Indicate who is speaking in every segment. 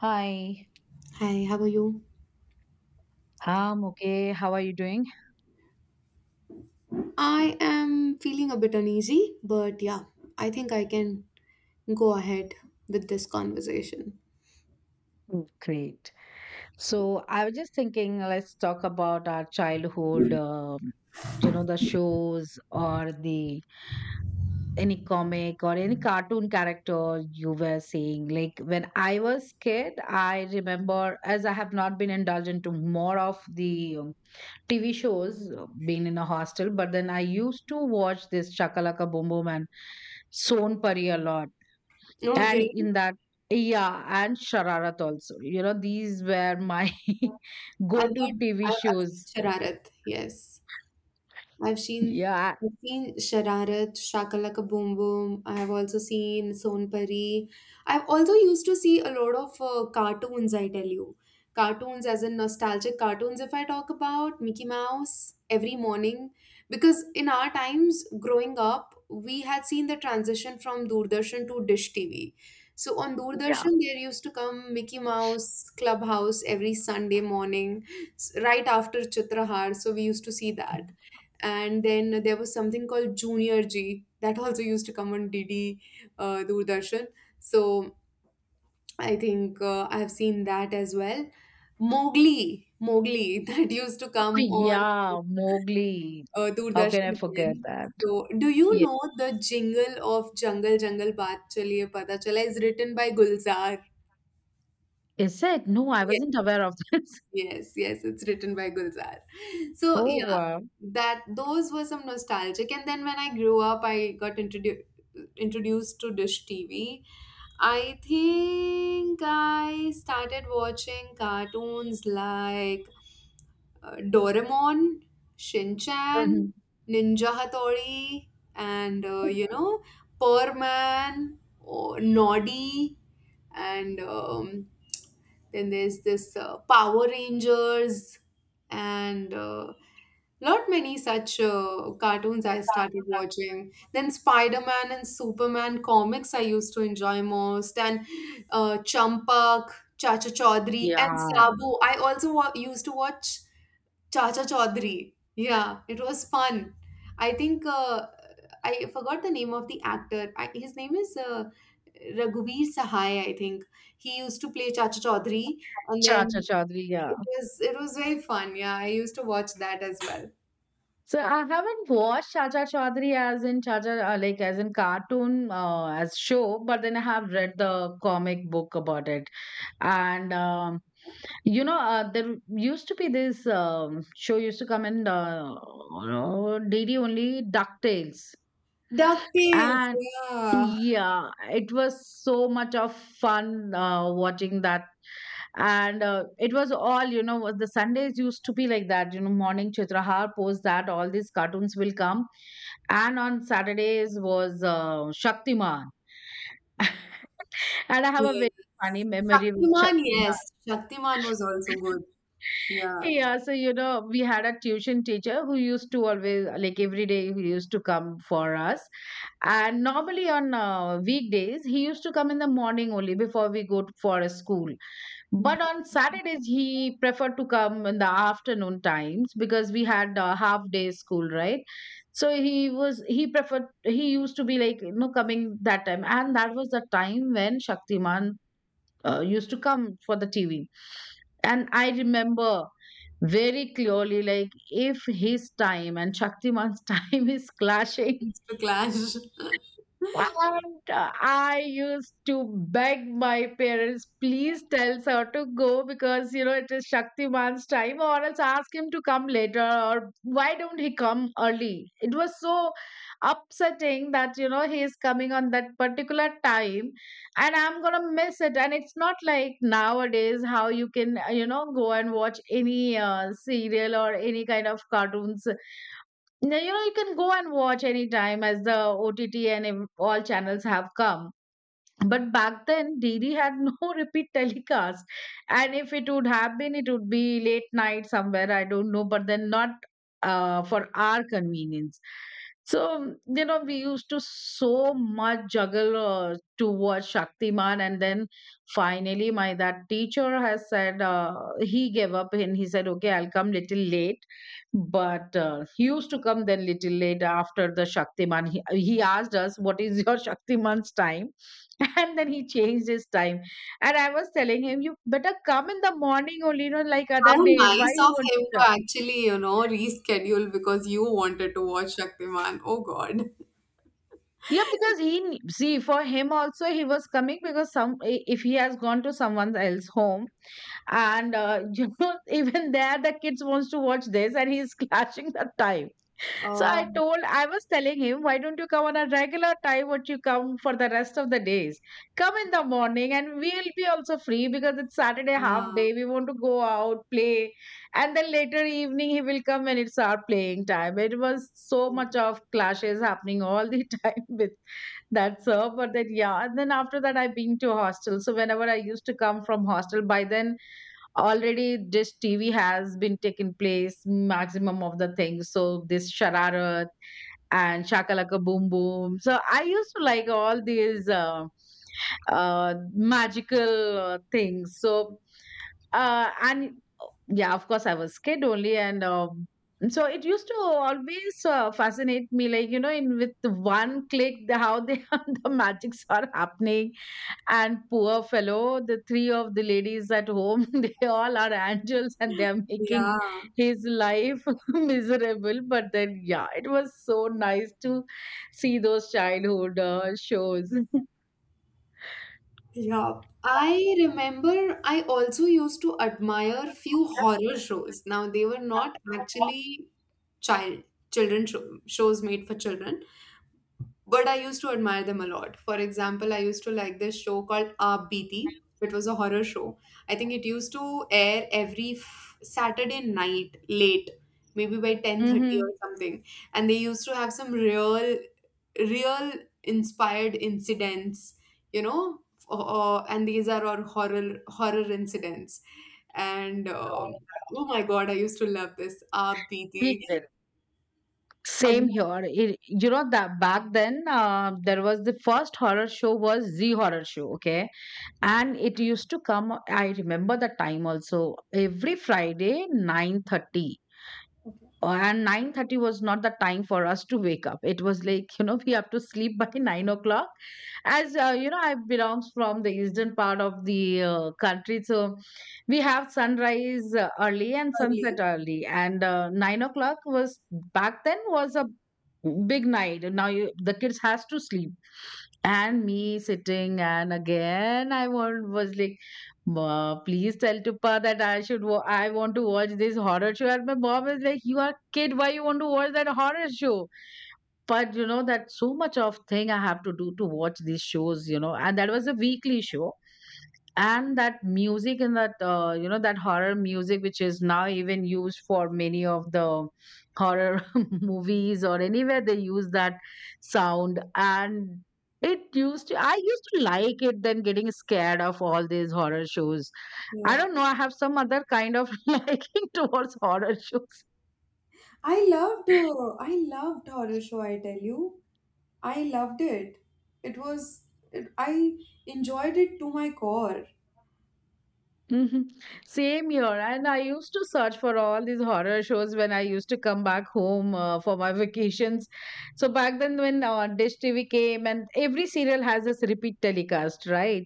Speaker 1: Hi,
Speaker 2: Hi, how are you?
Speaker 1: I'm okay. How are you doing?
Speaker 2: I am feeling a bit uneasy, but yeah, I think I can go ahead with this conversation.
Speaker 1: Mm, great. So I was just thinking, let's talk about our childhood, you know, the shows or the any comic or any cartoon character you were seeing. Like when I was kid, I remember as I have not been indulged into more of the TV shows, being in a hostel, but then I used to watch this Shakalaka Boom Boom and Son Pari a lot. And
Speaker 2: Okay.
Speaker 1: in that, yeah, and Shararat also, you know, these were my go
Speaker 2: I've
Speaker 1: to
Speaker 2: heard,
Speaker 1: tv
Speaker 2: I've
Speaker 1: shows.
Speaker 2: seen Shararat, yes. I've seen
Speaker 1: Yeah.
Speaker 2: I've seen Shararat, Shakalaka Boom Boom. I've also seen Sonpari. I've also used to see a lot of cartoons, I tell you. Cartoons as in nostalgic cartoons, if I talk about Mickey Mouse every morning. Because in our times growing up, we had seen the transition from Doordarshan to Dish TV. So on
Speaker 1: Yeah.
Speaker 2: Doordarshan, there used to come Mickey Mouse Clubhouse every Sunday morning, right after Chitrahar. So we used to see that, and then there was something called Junior G that also used to come on DD, Doordarshan. So I think I have seen that as well. Mowgli, Mowgli, that used to
Speaker 1: Oh,
Speaker 2: come on
Speaker 1: yeah, Mowgli. How can
Speaker 2: Doordarshan
Speaker 1: I forget
Speaker 2: again.
Speaker 1: that?
Speaker 2: So do you know the jingle of Jungle Jungle Baat Chaliye Pata Chala is written by Gulzar?
Speaker 1: Yeah, is it? No, I
Speaker 2: Yes,
Speaker 1: wasn't aware of this.
Speaker 2: yes, yes, it's written by Gulzar. So
Speaker 1: Oh,
Speaker 2: yeah,
Speaker 1: wow.
Speaker 2: that those were some nostalgic. And then when I grew up, I got introduced to Dish TV. I think I started watching cartoons like Doraemon, Shin Chan,
Speaker 1: Mhm.
Speaker 2: Ninja Hattori, and Perman, or Noddy, and then there's this Power Rangers, and lot many such cartoons I started watching. Then Spider-Man and Superman comics I used to enjoy most, and Champak, Chacha Chaudhary, and
Speaker 1: Yeah,
Speaker 2: Sabo. I also used to watch Chacha Chaudhary. Yeah, it was fun. I think I forgot the name of the actor. His name is Raghuveer Sahai, I think. He used to play Chacha Chaudhary, and
Speaker 1: Chacha
Speaker 2: then
Speaker 1: Chaudhary, yeah.
Speaker 2: it was very fun. Yeah, I used to watch that as well.
Speaker 1: So I haven't watched Chacha Chaudhary as in Chacha, like as in cartoon, as show, but then I have read the comic book about it. And you know, there used to be this show used to come in, you know, D only, DuckTales.
Speaker 2: DuckTales,
Speaker 1: And
Speaker 2: yeah.
Speaker 1: yeah, it was so much of fun watching that. And it was all, you know, the Sundays used to be like that, you know, morning Chitrahar, post that all these cartoons will come. And on Saturdays was, Shaktiman. And I have a
Speaker 2: Yeah.
Speaker 1: very
Speaker 2: Yes.
Speaker 1: funny memory with
Speaker 2: Shaktiman,
Speaker 1: Shaktiman.
Speaker 2: yes. Shaktiman was also good. Yeah.
Speaker 1: Yeah, so you know, we had a tuition teacher who used to always, like every day, he used to come for us. And normally on weekdays, he used to come in the morning only before we go to, for a school.
Speaker 2: Mm.
Speaker 1: But on Saturdays, he preferred to come in the afternoon times because we had a half day school, right? So he was, he preferred, he used to be like, you know, coming that time. And that was the time when Shaktiman used to come for the TV. And I remember very clearly, like, if his time and Shaktiman's time is clashing,
Speaker 2: Mr. Clash.
Speaker 1: and I used to beg my parents, please tell sir to go because you know it is Shaktiman's time, or else ask him to come later, or why don't he come early? It was so upsetting that you know he is coming on that particular time, and I'm gonna miss it. And it's not like nowadays how you can, you know, go and watch any serial or any kind of cartoons now, you know, you can go and watch anytime as the OTT and all channels have come. But back then, DD had no repeat telecast. And if it would have been, it would be late night somewhere, I don't know, but then not for our convenience. So, you know, we used to so much juggle to watch Shaktiman. And then finally, my that teacher has said, he gave up and he said, okay, I'll come little late. But he used to come then little late after the Shaktiman. He asked us, what is your Shaktiman's time? And then he changed his time, and I was telling him, you better come in the morning only, you know, like
Speaker 2: How
Speaker 1: other days. Why
Speaker 2: nice
Speaker 1: you
Speaker 2: of
Speaker 1: want to
Speaker 2: him
Speaker 1: come?
Speaker 2: to actually, reschedule, because you wanted to watch Shaktiman. Oh God.
Speaker 1: Yeah, because he see, for him also, he was coming because if he has gone to someone else home, and you know, even there the kids wants to watch this, and he's clashing the time. So I
Speaker 2: Oh,
Speaker 1: told, I was telling him, why don't you come on a regular time what you come for the rest of the days? Come in the morning, and we'll be also free because it's Saturday, half
Speaker 2: ah,
Speaker 1: day. We want to go out, play. And then later evening he will come when it's our playing time. It was so
Speaker 2: mm.
Speaker 1: much of clashes happening all the time with that sir. But then yeah, and then after that I've been to hostel. So whenever I used to come from hostel, by then already this TV has been taken place maximum of the things. So this Shararat and Shakalaka Boom Boom. So I used to like all these magical things. So and yeah, of course I was kid only, and so it used to always fascinate me, like you know, in with one click, the, how they the magics are happening. And poor fellow, the three of the ladies at home, they all are angels, and they are making
Speaker 2: Yeah.
Speaker 1: his life miserable. But then, yeah, it was so nice to see those childhood shows.
Speaker 2: Yeah. I remember I also used to admire few horror shows. Now they were not actually child children shows made for children, but I used to admire them a lot. For example, I used to like this show called Aap Beeti, which was a horror show. I think it used to air every Saturday night late, maybe by 10:30
Speaker 1: Hmm.
Speaker 2: or something. And they used to have some real inspired incidents, you know, and these are our horror incidents. And oh my God, I used to love this Aap Beeti.
Speaker 1: Ye- Same
Speaker 2: And
Speaker 1: here. It, you know, that back then, there was the first horror show was Z horror show, okay? And it used to come. I remember the time also every Friday 9:30. And 9:30 was not the time for us to wake up. It was like, you know, we have to sleep by 9 o'clock as, you know, I belongs from the eastern part of the country. So we have sunrise early and sunset early, and 9 o'clock was back then was a big night. Now you, the kids has to sleep, and me sitting, and again I want was like, "Ma, please tell Tuppa that I should. I want to watch this horror show." And my mom is like, "You are kid. Why you want to watch that horror show?" But you know that so much of thing I have to do to watch these shows. You know, and that was a weekly show, and that music and that, you know, that horror music which is now even used for many of the horror movies or anywhere they use that sound. And it used to, I used to like it than getting scared of all these horror shows. I don't know, I have some other kind of liking towards horror shows.
Speaker 2: I loved horror show, I tell you. I loved it. It was I enjoyed it to my core.
Speaker 1: Mhm. Same here. And I used to search for all these horror shows when I used to come back home for my vacations. So back then, when Dish TV came, and every serial has this repeat telecast, right?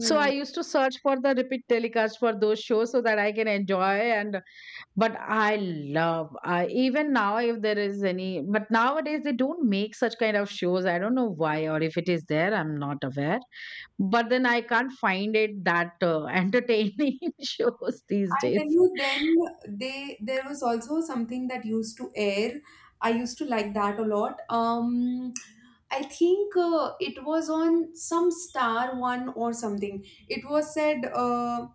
Speaker 1: So I used to search for the repeat telecast for those shows so that I can enjoy. And but I love, I even now, if there is any, but nowadays they don't make such kind of shows. I don't know why, or if it is there, I'm not aware. But then I can't find it that entertaining shows these
Speaker 2: I tell
Speaker 1: days.
Speaker 2: you, then they there was also something that used to air. I used to like that a lot. I think it was on some star one or something. It was said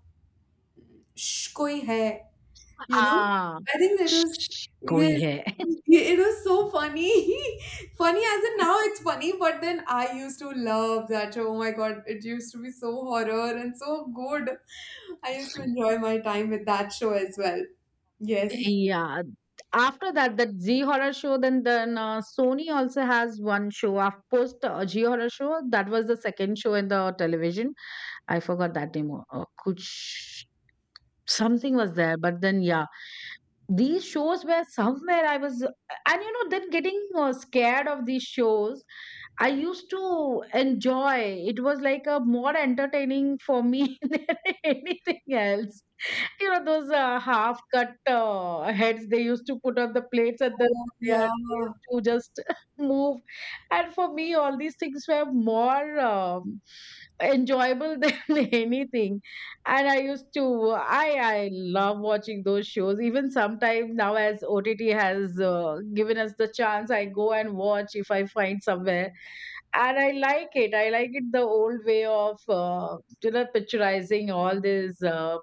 Speaker 2: "Shh, koi hai." You know?
Speaker 1: Ah,
Speaker 2: I think that was,
Speaker 1: shh, Koi
Speaker 2: yes.
Speaker 1: hai.
Speaker 2: Yeah, it was so funny. Funny as in now it's funny, but then I used to love that show. Oh my God, it used to be so horror and so good. I used to enjoy my time with that show as well. Yes.
Speaker 1: Yeah. After that, that Z horror show, then Sony also has one show. After post G horror show, that was the second show in the television. I forgot that name. Kuch. Something was there, but then yeah, these shows were somewhere I was, and you know, then getting scared of these shows, I used to enjoy. It was like a more entertaining for me than anything else. You know, those half cut heads they used to put on the plates, and then
Speaker 2: Oh,
Speaker 1: they,
Speaker 2: yeah.
Speaker 1: are, they used to just move. And for me, all these things were more enjoyable than anything. And I used to, I love watching those shows. Even sometimes now, as OTT has given us the chance, I go and watch if I find somewhere. And I like it. I like it the old way of, you know, picturizing all these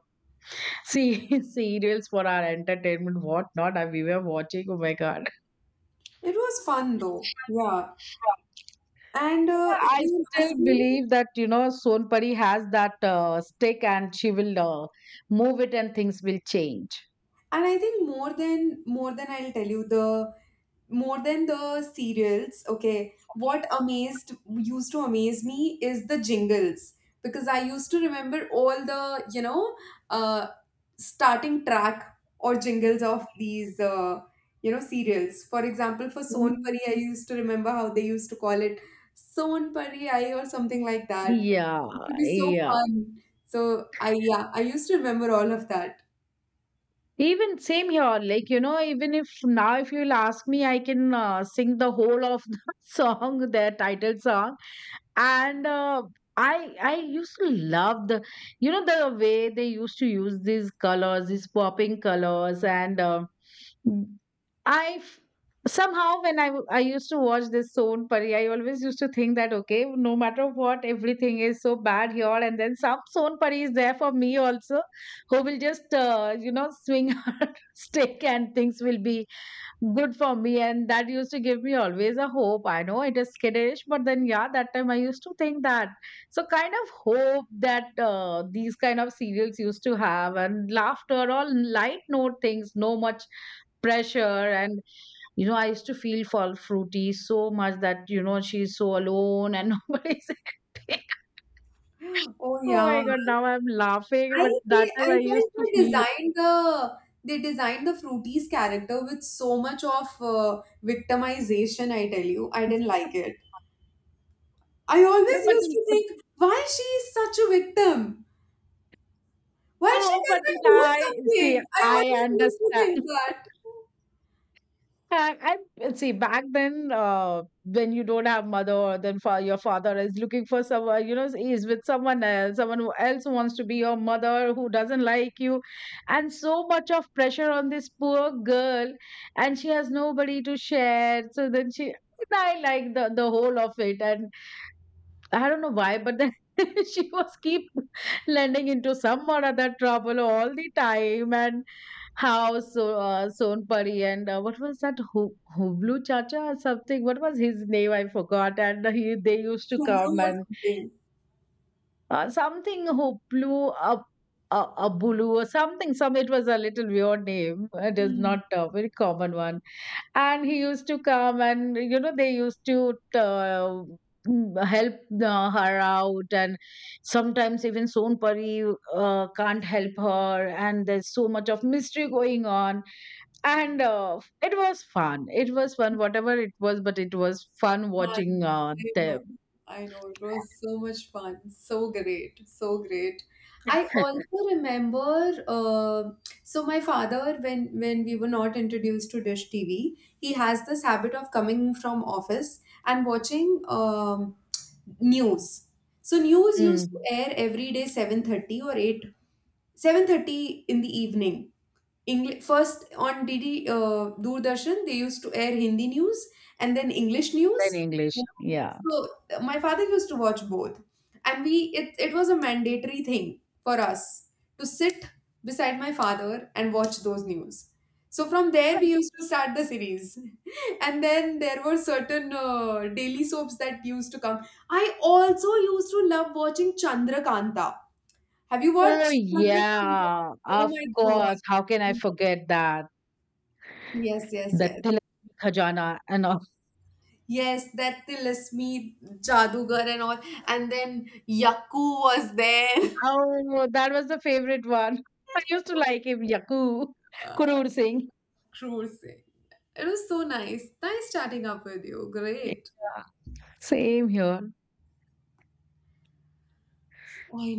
Speaker 1: see, serials for our entertainment, what not? I, we were watching. Oh my God.
Speaker 2: It was fun though. Yeah. And if
Speaker 1: I
Speaker 2: you
Speaker 1: still
Speaker 2: ask me,
Speaker 1: believe that, you know, Sonpari has that stick, and she will move it and things will change.
Speaker 2: and I think more than I'll tell you the more than the serials, okay, what amazed used to amaze me is the jingles, because I used to remember all the uh, starting track or jingles of these serials. For example, for Son
Speaker 1: Mm.
Speaker 2: Pari, I used to remember how they used to call it Son Pari Ai or something like that.
Speaker 1: Yeah,
Speaker 2: It would be so
Speaker 1: yeah.
Speaker 2: fun. So I used to remember all of that.
Speaker 1: Even same here. Like, you know, even if now, if you'll ask me, I can sing the whole of the song, their title song. And I used to love the, you know, the way they used to use these colors, these popping colors. And i f- somehow when I used to watch this Son Pari, I always used to think that okay, no matter what, everything is so bad here, and then some Son Pari is there for me also who will just, you know, swing her stick, and things will be good for me. And that used to give me always a hope. I know it is kiddish, but then yeah, that time I used to think that. So kind of hope that these kind of serials used to have, and laughter, all light note things, no much pressure. And you know, I used to feel for Fruity so much that, you know, she's so alone and nobody's there.
Speaker 2: Oh
Speaker 1: Oh my
Speaker 2: yeah.
Speaker 1: God, now I'm laughing,
Speaker 2: I
Speaker 1: but that time
Speaker 2: I
Speaker 1: I used
Speaker 2: felt
Speaker 1: to
Speaker 2: they
Speaker 1: feel it.
Speaker 2: designed the Fruity's character with so much of victimization. I tell you, I didn't like it. I
Speaker 1: No,
Speaker 2: always
Speaker 1: but
Speaker 2: used
Speaker 1: then,
Speaker 2: to think, why she is such a victim? Why she
Speaker 1: no, but then
Speaker 2: doesn't do
Speaker 1: I see.
Speaker 2: something? I always
Speaker 1: I
Speaker 2: used to
Speaker 1: understand.
Speaker 2: think that.
Speaker 1: I let's see, back then, when you don't have mother, or then your father is looking for someone, you know, he is with someone else, someone who else wants to be your mother, who doesn't like you, and so much of pressure on this poor girl, and she has nobody to share. So then she, I like the whole of it. And I don't know why, but then she was keep landing into some or other trouble all the time. And how so, Sonpari and, what was that Hublu Chacha or something? What was his name? I forgot. And he they used to
Speaker 2: Chumru
Speaker 1: come
Speaker 2: or
Speaker 1: and,
Speaker 2: something.
Speaker 1: something Hublu up. Abulu or something. Some, it was a little weird name. It is not a very common one. And he used to come, and you know, they used to help her out. And sometimes even Sonpari can't help her, and there's so much of mystery going on. And it was fun, it was fun whatever it was, but it was fun watching
Speaker 2: Fun. I
Speaker 1: them.
Speaker 2: know. I know. It was so much fun. So great. So great. I also remember, so my father, when we were not introduced to Dish TV, he has this habit of coming from office and watching news. So news used to
Speaker 1: Mm,
Speaker 2: air every day 7:30 or 8, 7:30 in the evening. English first on DD, Doordarshan, they used to air Hindi news and then English
Speaker 1: in
Speaker 2: news.
Speaker 1: English, yeah.
Speaker 2: So my father used to watch both, and we it it was a mandatory thing for us to sit beside my father and watch those news. So from there we used to start the series, and then there were certain daily soaps that used to come. I also used to love watching Chandrakanta. Have you
Speaker 1: Oh
Speaker 2: watched Chandrakanta?
Speaker 1: yeah,
Speaker 2: Oh
Speaker 1: of
Speaker 2: my
Speaker 1: course.
Speaker 2: god!
Speaker 1: How can I forget that?
Speaker 2: Yes, yes,
Speaker 1: The
Speaker 2: yes.
Speaker 1: Tilak Khajana and,
Speaker 2: Yes, that Tilasmi Jadugar and all. And then Yaku was there.
Speaker 1: oh, that was the favorite one. I used to like him, Yaku, Kurur Singh.
Speaker 2: Cruising. It was so nice. Nice chatting up with you. Great.
Speaker 1: Yeah, same here.
Speaker 2: I